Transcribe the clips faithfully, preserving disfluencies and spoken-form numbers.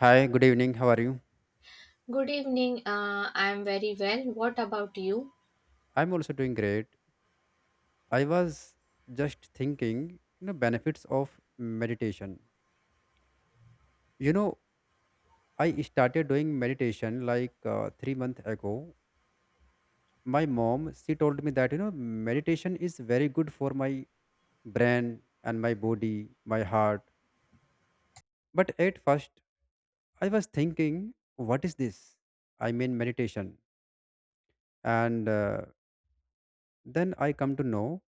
Hi, good evening. How are you? Good evening. Uh, I'm very well. What about you? I'm also doing great. I was just thinking, you know, benefits of meditation. You know, I started doing meditation like uh, three months ago. My mom, she told me that, you know, meditation is very good for my brain and my body, my heart. But at first, I was thinking, what is this? I mean, meditation. And uh, Then I come to know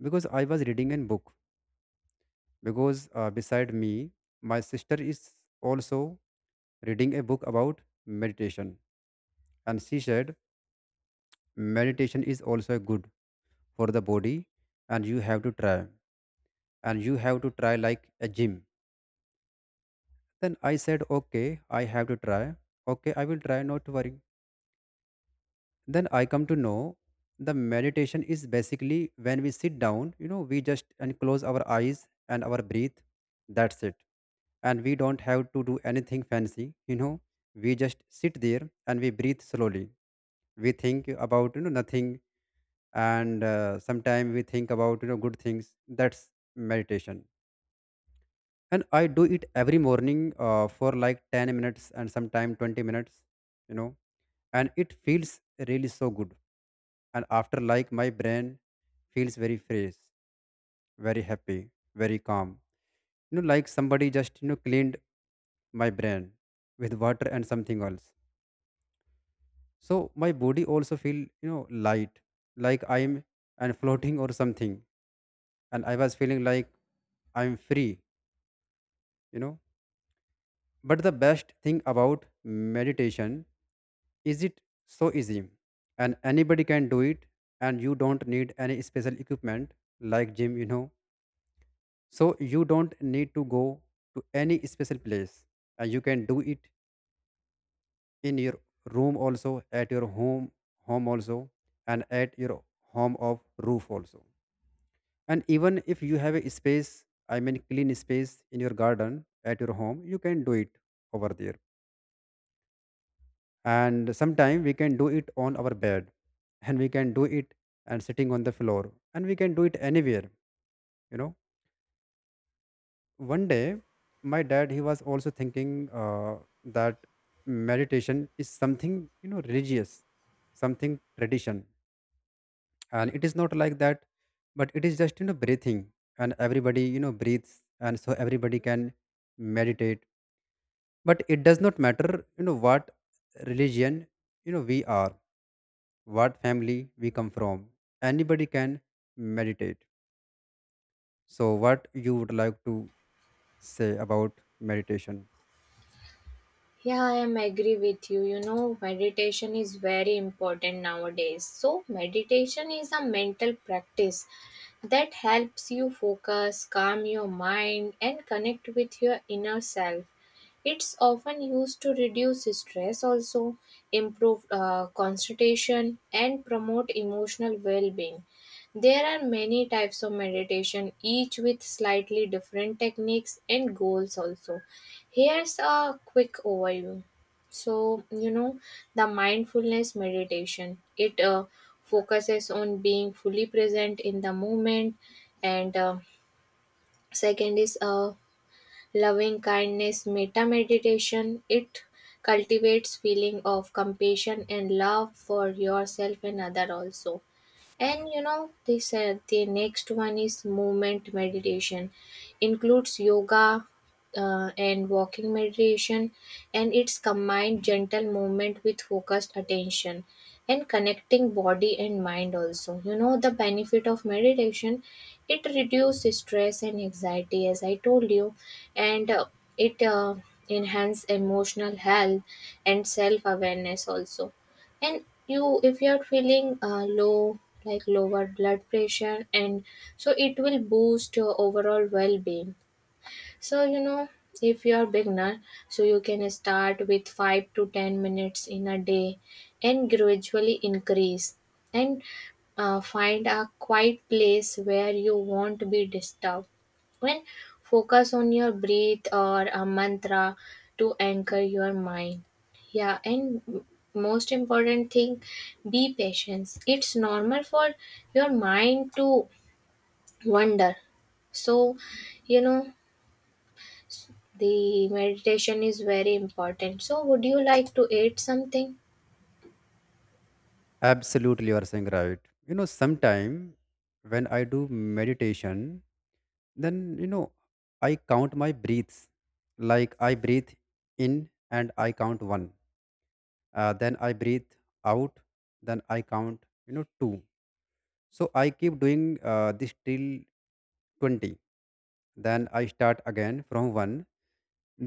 because I was reading a book, because uh, beside me, my sister is also reading a book about meditation. And she said, meditation is also good for the body, and you have to try. And you have to try like a gym. Then I said, okay, I have to try. Okay, I will try, not to worry. Then I come to know the meditation is basically when we sit down, you know, we just and close our eyes and our breathe. That's it, and we don't have to do anything fancy you know We just sit there and we breathe slowly. We think about you know nothing, and uh, sometimes we think about you know good things. That's meditation. And I do it every morning uh, for like ten minutes and sometimes twenty minutes you know and it feels really so good. And after, like, my brain feels very fresh, very happy, very calm, you know, like somebody just you know cleaned my brain with water and something else. So my body also feel you know light, like I'm and floating or something. And I was feeling like I'm free you know but the best thing about meditation is it so easy, and anybody can do it. And you don't need any special equipment like gym you know So you don't need to go to any special place, and you can do it in your room also, at your home, home also, and at your home of roof also. And even if you have a space, I mean clean space in your garden at your home, you can do it over there. And sometime we can do it on our bed, and we can do it and sitting on the floor, and we can do it anywhere, you know. One day my dad, he was also thinking uh, that meditation is something you know religious, something tradition. And it is not like that. But it is just you know breathing, and everybody you know breathes, and so everybody can meditate. But it does not matter, you know, what religion, you know, we are, what family we come from. Anybody can meditate. So what you would like to say about meditation? Yeah, I am agree with you. You know, meditation is very important nowadays. So, meditation is a mental practice that helps you focus, calm your mind, and connect with your inner self. It's often used to reduce stress, also improve uh, concentration, and promote emotional well being. There are many types of meditation, each with slightly different techniques and goals, also. Here's a quick overview. So, you know, the mindfulness meditation, it uh, focuses on being fully present in the moment. And uh, second is uh, loving kindness meta meditation. It cultivates feeling of compassion and love for yourself and other also. And you know, they said the next one is movement meditation, includes yoga uh, and walking meditation, and it's combined gentle movement with focused attention and connecting body and mind also. You know, the benefit of meditation, it reduces stress and anxiety, as I told you, and uh, it uh, enhances emotional health and self awareness also. And you, if you're feeling uh, low, like lower blood pressure, and so it will boost your overall well-being. So, you know, if you are beginner, so you can start with five to ten minutes in a day and gradually increase, and uh, find a quiet place where you won't be disturbed. And focus on your breath or a mantra to anchor your mind. Yeah, and m- most important thing, be patient. It's normal for your mind to wander. So, you know, the meditation is very important. So, would you like to eat something? Absolutely, you are saying right. You know, sometime when I do meditation, then you know I count my breaths. Like I breathe in and I count one. Uh, then I breathe out. Then I count. You know, two. So I keep doing uh, this till twenty. Then I start again from one.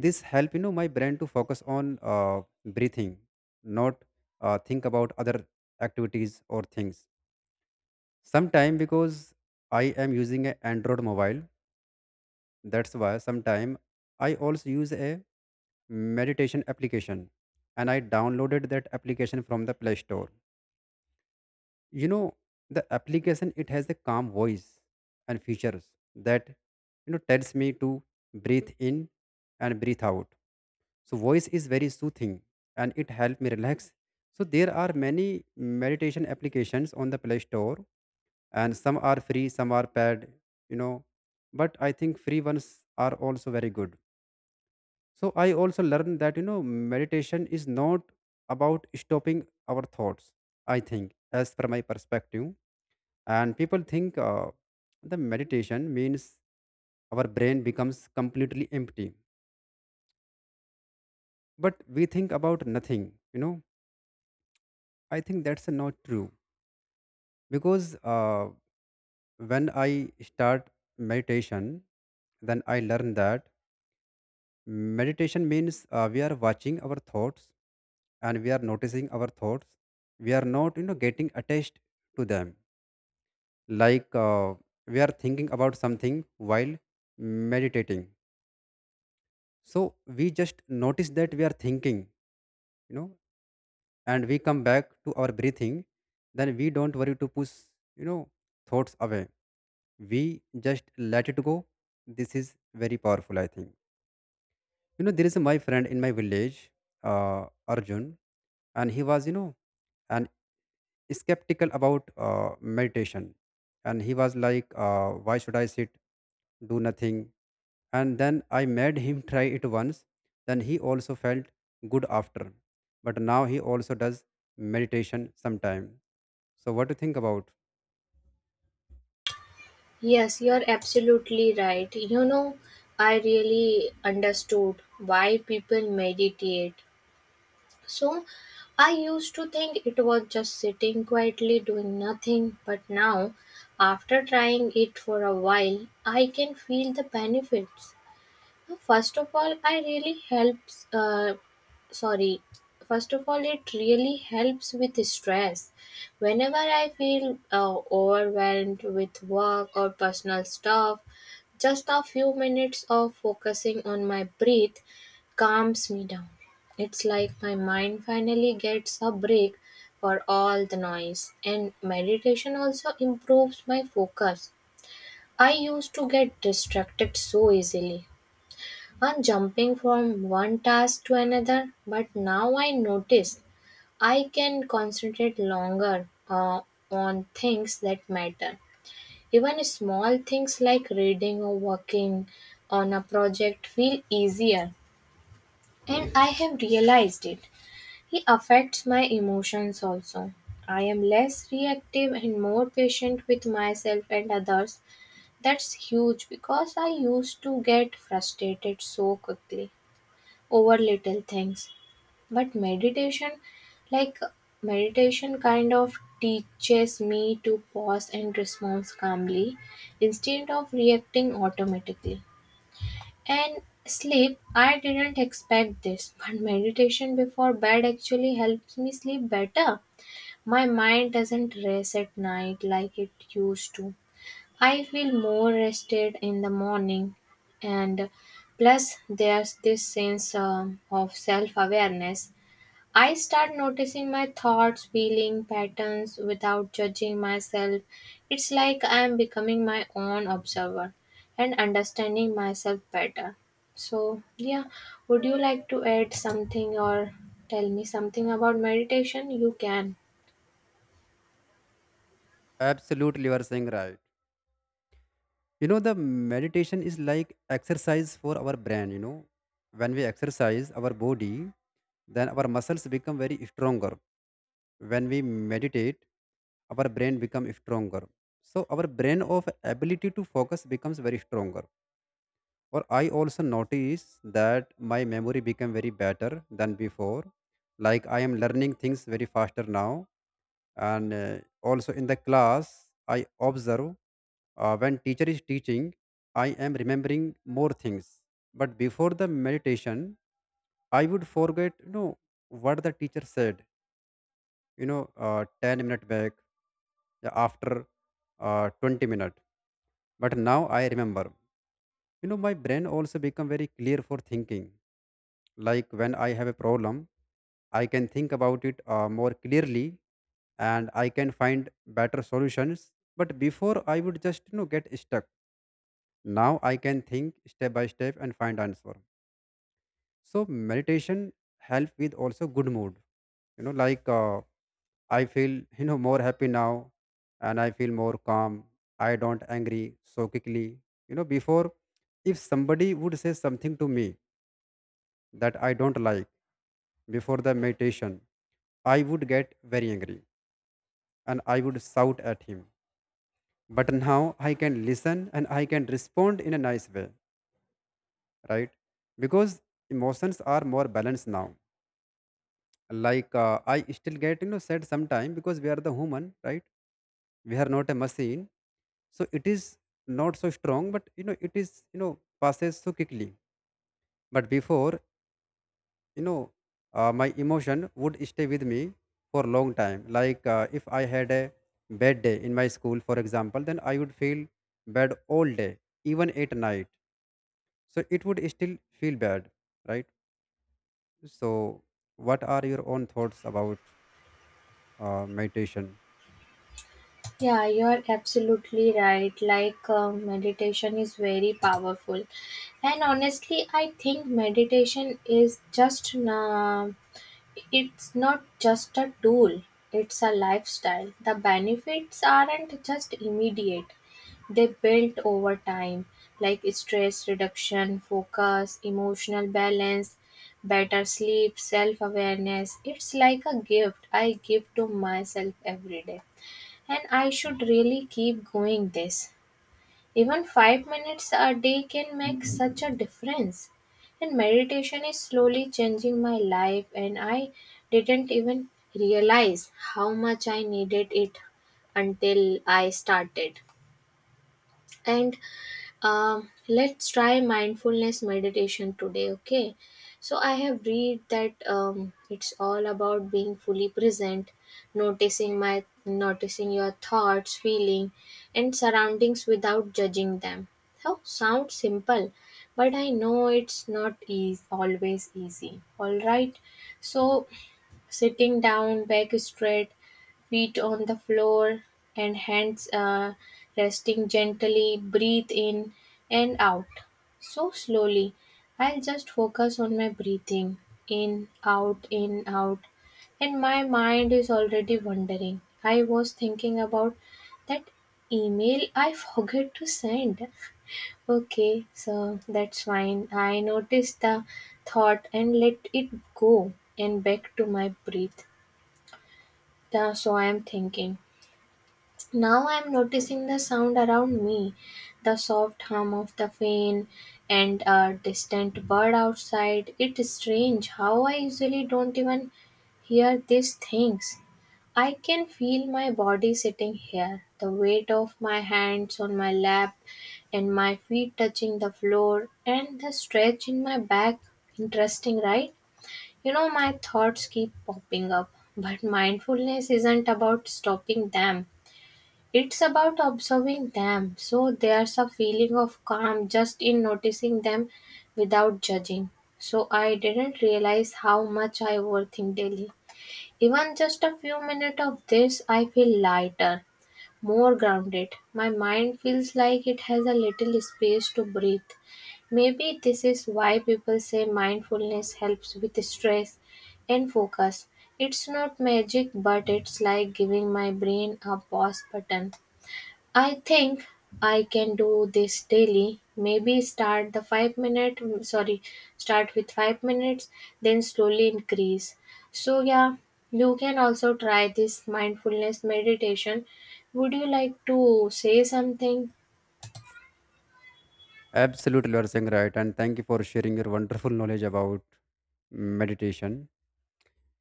This help you know my brain to focus on uh, breathing, not uh, think about other activities or things. Sometime because I am using an Android mobile, that's why sometime I also use a meditation application, and I downloaded that application from the Play Store. You know, the application, it has a calm voice and features that, you know, tells me to breathe in and breathe out. So voice is very soothing, and it helped me relax. So there are many meditation applications on the Play Store, and some are free, some are paid, you know. But I think free ones are also very good. So I also learned that, you know, meditation is not about stopping our thoughts. I think, as per my perspective, and people think uh, the meditation means our brain becomes completely empty, but we think about nothing, you know. I think that's not true, because uh, when I start meditation, then I learned that meditation means uh, we are watching our thoughts, and we are noticing our thoughts. We are not, you know, getting attached to them. Like, uh, we are thinking about something while meditating. So we just notice that we are thinking, you know, and we come back to our breathing. Then we don't worry to push, you know, thoughts away. We just let it go. This is very powerful, I think. You know, there is my friend in my village, uh, Arjun, and he was, you know, and skeptical about uh, meditation. And he was like, uh, why should I sit, do nothing? And then I made him try it once. Then he also felt good after. But now he also does meditation sometime. So what do you think about? Yes, you're absolutely right. You know, I really understood why people meditate. So, I used to think it was just sitting quietly doing nothing, but now, after trying it for a while, I can feel the benefits. First of all, I really helps. Uh, sorry. First of all, it really helps with stress. Whenever I feel uh, overwhelmed with work or personal stuff, just a few minutes of focusing on my breath calms me down. It's like my mind finally gets a break for all the noise, and meditation also improves my focus. I used to get distracted so easily, on jumping from one task to another, but now I notice I can concentrate longer uh, on things that matter. Even small things like reading or working on a project feel easier, and I have realized it. It affects my emotions also. I am less reactive and more patient with myself and others. That's huge because I used to get frustrated so quickly over little things, but meditation, like meditation kind of teaches me to pause and respond calmly instead of reacting automatically. And sleep, I didn't expect this, but meditation before bed actually helps me sleep better. My mind doesn't race at night like it used to. I feel more rested in the morning, and plus, there's this sense um, of self awareness. I start noticing my thoughts, feeling patterns without judging myself. It's like I'm becoming my own observer and understanding myself better. So, yeah, would you like to add something or tell me something about meditation? You can. Absolutely, you are saying right. You know, the meditation is like exercise for our brain, you know. When we exercise our body, then our muscles become very stronger. When we meditate, our brain becomes stronger. So our brain of ability to focus becomes very stronger. Or I also notice that my memory become very better than before. Like, I am learning things very faster now, and uh, also in the class I observe uh, when teacher is teaching, I am remembering more things. But before the meditation, I would forget, you know, what the teacher said, you know, uh, ten minute back, uh, after uh, twenty minute. But now I remember, you know. My brain also become very clear for thinking. Like when I have a problem, I can think about it uh, more clearly, and I can find better solutions. But before I would just, you know, get stuck. Now I can think step by step and find answer. So meditation help with also good mood. You know, like, uh, I feel you know more happy now, and I feel more calm. I don't angry so quickly. You know, before, if somebody would say something to me that I don't like before the meditation, I would get very angry and I would shout at him. But now I can listen and I can respond in a nice way, right? Because emotions are more balanced now. Like, uh, I still get, you know, sad sometimes, because we are the human, right? We are not a machine, so it is not so strong, but you know it is, you know, passes so quickly. But before, you know, uh, my emotion would stay with me for a long time. Like, uh, if I had a bad day in my school, for example, then I would feel bad all day, even at night. So it would still feel bad, right? So what are your own thoughts about uh, meditation? Yeah, you are absolutely right. Like, uh, meditation is very powerful. And honestly, I think meditation is just, uh, it's not just a tool, it's a lifestyle. The benefits aren't just immediate, they build over time, like stress reduction, focus, emotional balance, better sleep, self awareness. It's like a gift I give to myself every day. And I should really keep going this. Even five minutes a day can make such a difference. And meditation is slowly changing my life, and I didn't even realize how much I needed it until I started. And um, let's try mindfulness meditation today, okay? So, I have read that um, it's all about being fully present, noticing my noticing your thoughts, feeling, and surroundings without judging them. How sounds simple, but I know it's not easy, always easy. All right, so sitting down, back straight, feet on the floor, and hands uh, resting gently. Breathe in and out. So slowly. I'll just focus on my breathing, in, out, in, out. And my mind is already wandering. I was thinking about that email I forgot to send. Okay, so that's fine. I noticed the thought and let it go and back to my breath. Yeah, so I am thinking. Now I am noticing the sound around me, the soft hum of the fan and a distant bird outside. It's strange how I usually don't even hear these things. I can feel my body sitting here, the weight of my hands on my lap and my feet touching the floor and the stretch in my back. Interesting, right? You know, my thoughts keep popping up, but mindfulness isn't about stopping them. It's about observing them. So there's a feeling of calm just in noticing them without judging. So I didn't realize how much I overthink daily. Even just a few minutes of this, I feel lighter, more grounded. My mind feels like it has a little space to breathe. Maybe this is why people say mindfulness helps with stress and focus. It's not magic, but it's like giving my brain a pause button. I think I can do this daily. Maybe start the five minute, sorry, start with five minutes then slowly increase. So yeah, you can also try this mindfulness meditation. Would you like to say something? Absolutely, you are saying right, and thank you for sharing your wonderful knowledge about meditation,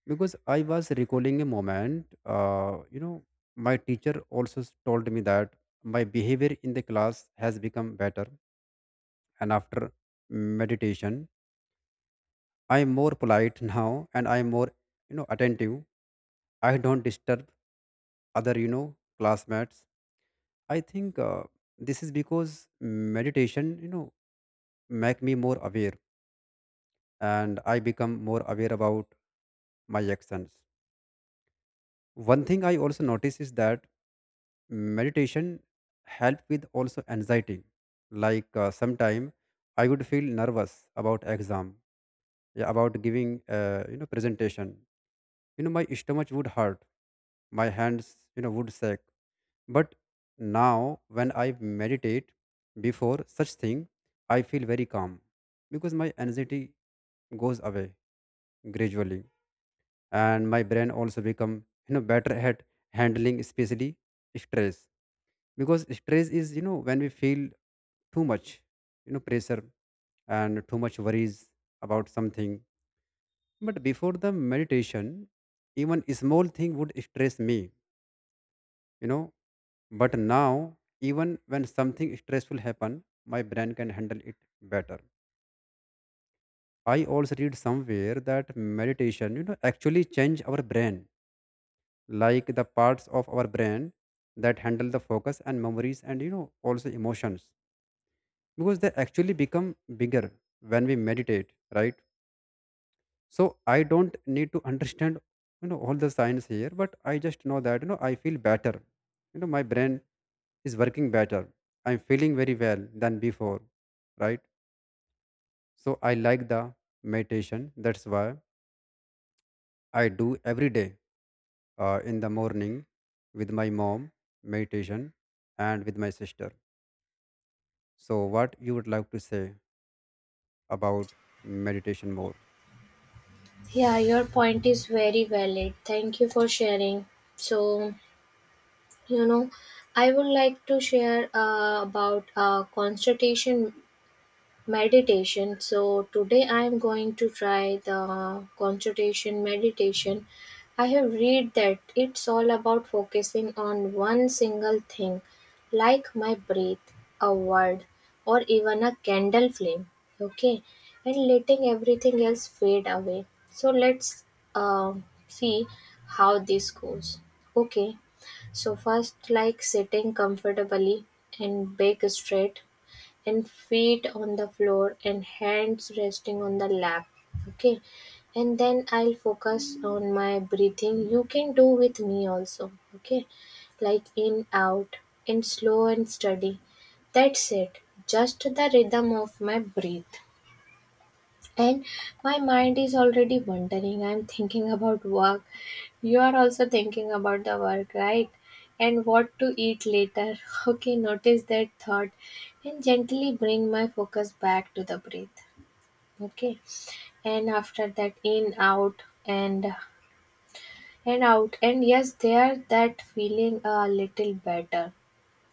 because I was recalling a moment. Uh, you know, my teacher also s- told me that my behavior in the class has become better, and after meditation, I am more polite now, and I am more, you know, attentive. I don't disturb other, you know, classmates. I think uh, this is because meditation, you know, make me more aware, and I become more aware about my actions. One thing I also notice is that meditation help with also anxiety. Like, uh, sometime I would feel nervous about exam, yeah, about giving uh, you know presentation. You know, my stomach would hurt, my hands, you know, would shake. But now when I meditate before such thing, I feel very calm, because my anxiety goes away gradually. And my brain also become, you know, better at handling especially stress, because stress is, you know, when we feel too much, you know, pressure and too much worries about something. But before the meditation, even a small thing would stress me, you know. But now even when something stressful happen, my brain can handle it better. I also read somewhere that meditation, you know, actually change our brain. Like the parts of our brain that handle the focus and memories and, you know, also emotions, because they actually become bigger when we meditate, right? So I don't need to understand, you know, all the science here, but I just know that, you know, I feel better. You know, my brain is working better. I'm feeling very well than before, right? So I like the meditation, that's why I do every day, uh, in the morning with my mom meditation and with my sister. So what you would like to say about meditation more? Yeah, your point is very valid. Thank you for sharing. So, you know, I would like to share uh, about uh, constitution meditation. So today I am going to try the concentration meditation. I have read that it's all about focusing on one single thing, like my breath, a word, or even a candle flame. Okay, and letting everything else fade away. So let's uh, see how this goes. Okay, so first, like sitting comfortably, and back straight, and feet on the floor, and hands resting on the lap, okay, and then I'll focus on my breathing. You can do with me also, okay, like in, out, and slow and steady. That's it, just the rhythm of my breath. And my mind is already wandering. I'm thinking about work. You are also thinking about the work, right? And what to eat later. Okay, notice that thought and gently bring my focus back to the breath. Okay. And after that, in, out, and and out. And yes, there that feeling a little better.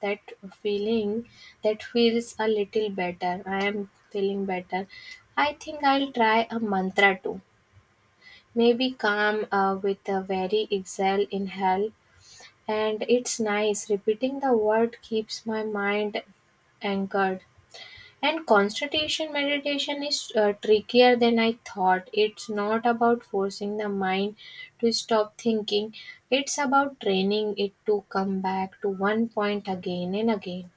That feeling that feels a little better. I am feeling better. I think I'll try a mantra too. Maybe calm uh, with the very exhale inhale, and it's nice. Repeating the word keeps my mind anchored. And concentration meditation is uh, trickier than I thought. It's not about forcing the mind to stop thinking, it's about training it to come back to one point again and again.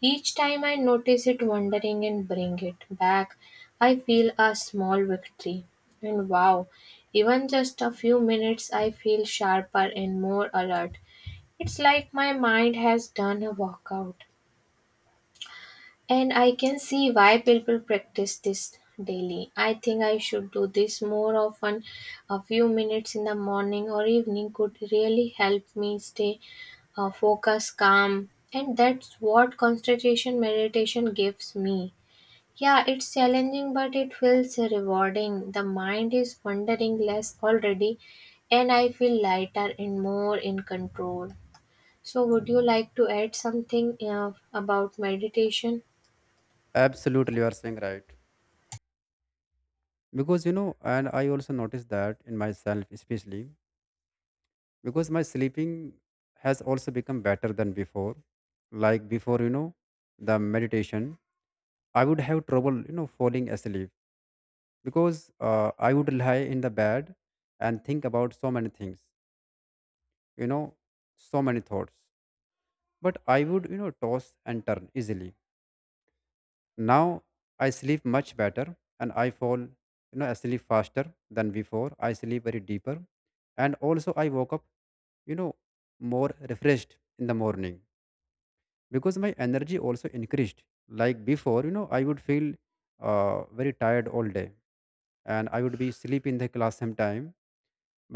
Each time I notice it wandering and bring it back, I feel a small victory. And wow, even just a few minutes, I feel sharper and more alert. It's like my mind has done a workout. And I can see why people practice this daily. I think I should do this more often. A few minutes in the morning or evening could really help me stay uh, focused, calm, and that's what concentration meditation gives me. Yeah, it's challenging, but it feels rewarding. The mind is wandering less already, and I feel lighter and more in control. So, would you like to add something uh, about meditation? Absolutely, you are saying right, because, you know, and I also noticed that in myself, especially because my sleeping has also become better than before. Like before, you know, the meditation, I would have trouble, you know, falling asleep, because uh, I would lie in the bed and think about so many things, you know, so many thoughts. But I would, you know, toss and turn easily. Now I sleep much better, and I fall, you know, asleep faster than before. I sleep very deeper, and also I woke up, you know more refreshed in the morning because my energy also increased. Like before, you know I would feel uh, very tired all day, and I would be sleep in the class sometime.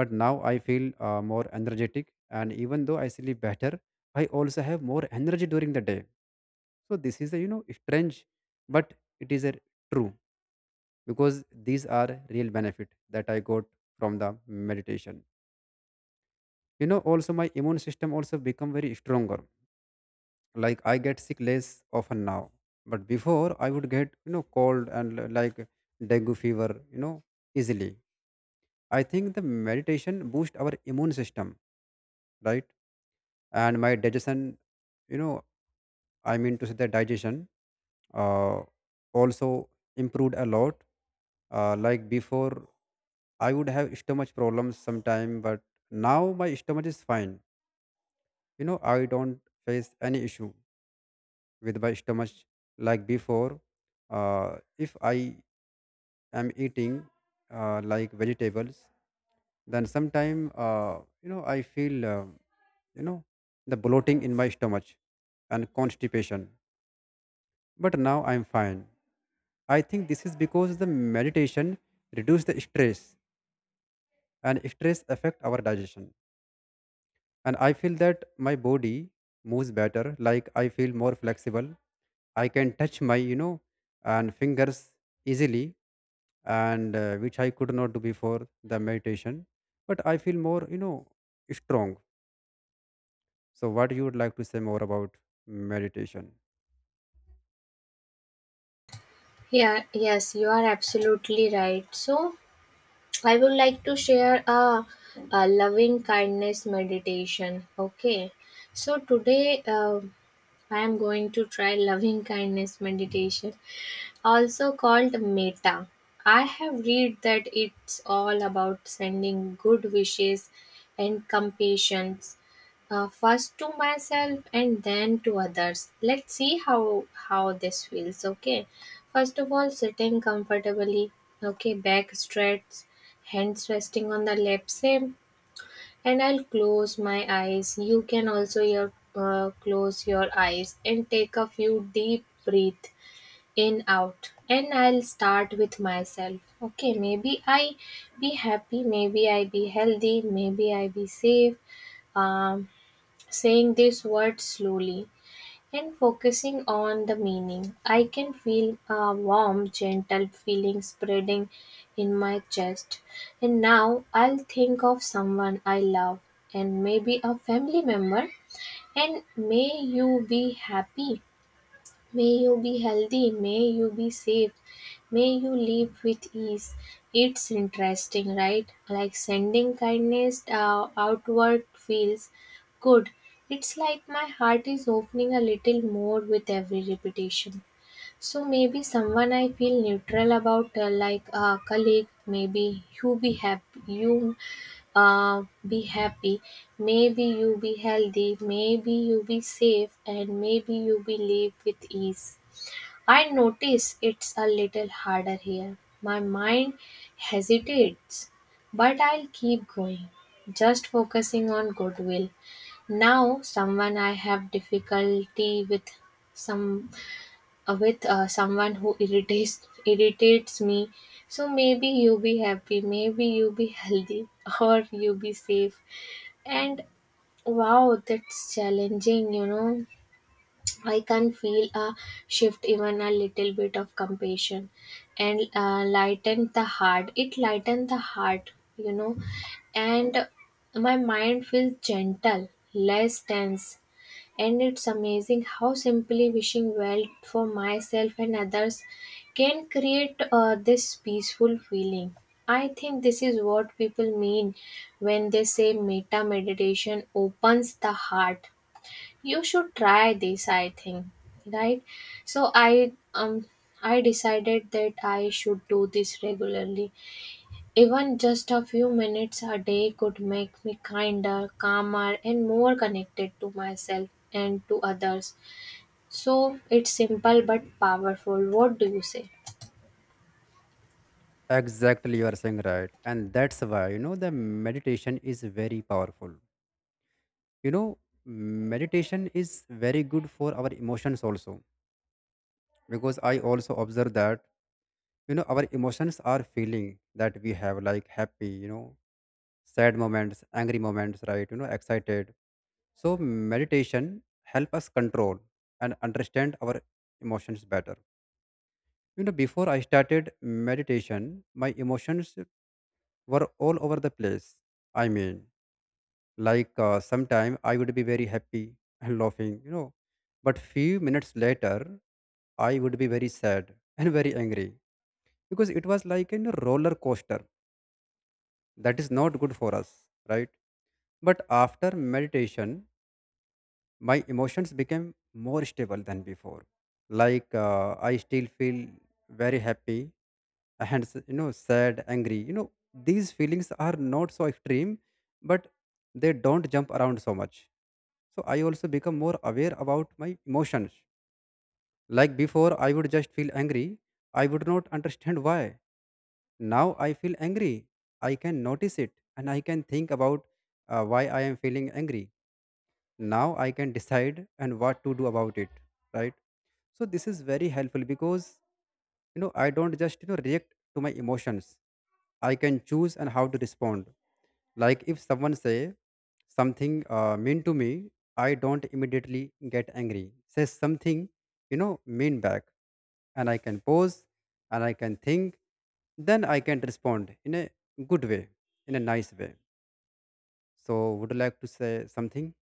But now I feel uh, more energetic, and even though I sleep better, I also have more energy during the day. So this is a, you know strange, but it is a true, because these are real benefit that I got from the meditation. You know also my immune system also become very stronger, like I get sick less often now. But before I would get, you know cold and l- like dengue fever, you know, easily. I think the meditation boost our immune system, right? And my digestion, you know, I mean to say the digestion uh, also improved a lot. Uh, like before, I would have stomach problems sometime, but now my stomach is fine. you know I don't face any issue with my stomach like before. Uh, if I I'm eating uh, like vegetables, then sometime, uh, you know I feel, uh, you know the bloating in my stomach and constipation. But now I'm fine. I think this is because the meditation reduces the stress, and stress affect our digestion. And I feel that my body moves better, like I feel more flexible. I can touch my, you know, and fingers easily, and uh, which I could not do before the meditation. But I feel more, you know, strong. So what you would like to say more about meditation? Yeah, yes, you are absolutely right. So, I would like to share a, a loving kindness meditation. Okay, so today uh, I am going to try loving kindness meditation. Also called Meta, I have read that it's all about sending good wishes and compassion, uh, first to myself and then to others. Let's see how how this feels. Okay, first of all, sitting comfortably. Okay, back stretched, hands resting on the lap same, and I'll close my eyes. You can also your uh, close your eyes and take a few deep breath, in, out, and I'll start with myself. Okay, maybe I be happy, maybe I be healthy, maybe I be safe. um, Saying these words slowly and focusing on the meaning, I can feel a warm gentle feeling spreading in my chest. And now I'll think of someone I love, and maybe a family member. And may you be happy, may you be healthy, may you be safe, may you live with ease. It's interesting, right? Like sending kindness uh, outward feels good. It's like my heart is opening a little more with every repetition. So maybe someone I feel neutral about, uh, like a colleague, maybe you be happy, you uh, be happy, maybe you be healthy, maybe you be safe, and maybe you be live with ease. I notice it's a little harder here. My mind hesitates, but I'll keep going, just focusing on goodwill. Now, someone I have difficulty with, some uh, with uh, someone who irritates irritates me. So maybe you be happy, maybe you be healthy, or you be safe. And wow, that's challenging, you know. I can feel a shift, even a little bit of compassion, and uh, lighten the heart. It lighten the heart, you know, and my mind feels gentle, less tense, and it's amazing how simply wishing well for myself and others can create uh, this peaceful feeling. I think this is what people mean when they say meta meditation opens the heart. You should try this, I think, right? So i um i decided that I should do this regularly. Even just a few minutes a day could make me kinder, calmer, and more connected to myself and to others. So it's simple but powerful. What do you say? Exactly, you are saying right, and that's why, you know, the meditation is very powerful. You know, meditation is very good for our emotions also, because I also observe that, you know, our emotions are feeling that we have, like, happy, you know, sad moments, angry moments, right? You know, excited. So meditation help us control and understand our emotions better. You know, before I started meditation, my emotions were all over the place. I mean, like uh, sometime I would be very happy and laughing, you know, but few minutes later I would be very sad and very angry, because it was like a roller coaster. That is not good for us, right? But after meditation, my emotions became more stable than before. Like uh, I still feel very happy, and s- you know, sad, angry, you know, these feelings are not so extreme, but they don't jump around so much. So I also become more aware about my emotions. Like before, I would just feel angry, I would not understand why. Now I feel angry, I can notice it, and I can think about uh, why I am feeling angry. Now I can decide and what to do about it, right? So this is very helpful because, you know I don't just, you know react to my emotions. I can choose and how to respond. Like if someone say something uh, mean to me, I don't immediately get angry, says something, you know, mean back. And I can pause, and I can think, then I can respond in a good way, in a nice way. So would you like to say something?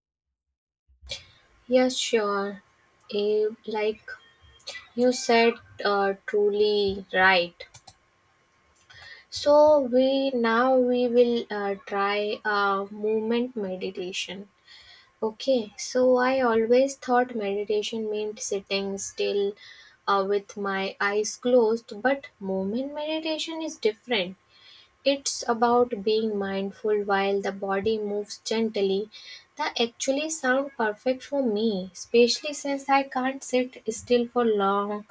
Yes, sure. Eh, like you said, uh, truly right. So we now we will uh, try uh, movement meditation. Okay. So I always thought meditation meant sitting still uh, with my eyes closed, but movement meditation is different. It's about being mindful while the body moves gently. That actually sound perfect for me, especially since I can't sit still for long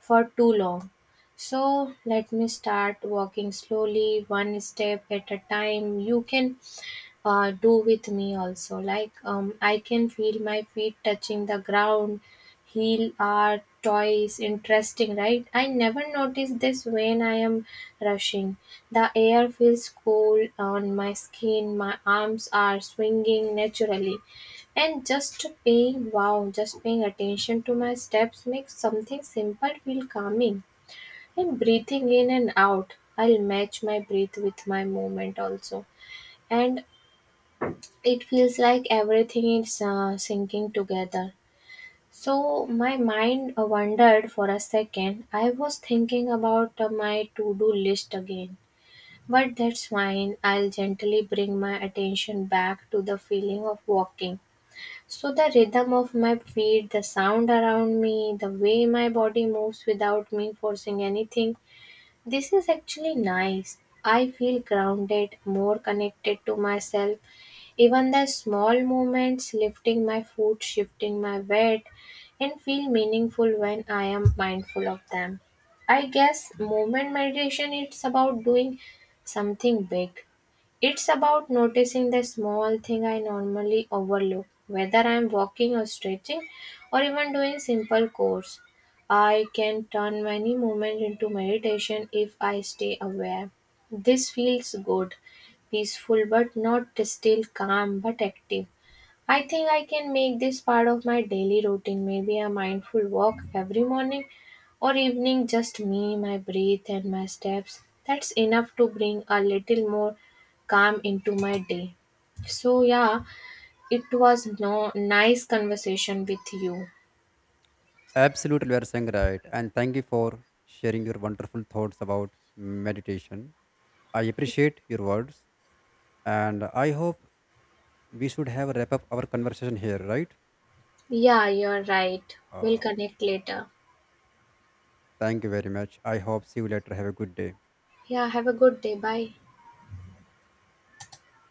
for too long. So let me start walking slowly, one step at a time. You can uh, do with me also. Like um, I can feel my feet touching the ground, heel art, toys. Interesting, right? I never notice this when I am rushing. The air feels cool on my skin, my arms are swinging naturally. And just paying wow, just paying attention to my steps makes something simple feel calming. And breathing in and out, I'll match my breath with my movement also. And it feels like everything is uh, sinking together. So my mind uh, wandered for a second. I was thinking about uh, my to-do list again. But that's fine. I'll gently bring my attention back to the feeling of walking. So the rhythm of my feet, the sound around me, the way my body moves without me forcing anything. This is actually nice. I feel grounded, more connected to myself, even the small movements, lifting my foot, shifting my weight, and feel meaningful when I am mindful of them. I guess movement meditation, it's about doing something big, it's about noticing the small thing I normally overlook, whether I'm walking or stretching or even doing simple chores. I can turn many moments into meditation if I stay aware. This feels good, peaceful but not still, calm but active. I think I can make this part of my daily routine, maybe a mindful walk every morning or evening, just me, my breath, and my steps. That's enough to bring a little more calm into my day. So, yeah, it was no nice conversation with you. Absolutely, you are saying right, and thank you for sharing your wonderful thoughts about meditation. I appreciate your words, and I hope we should have wrap up our conversation here, right? Yeah, you're right. We'll Uh, connect later. Thank you very much. I hope see you later. Have a good day. Yeah, have a good day. Bye.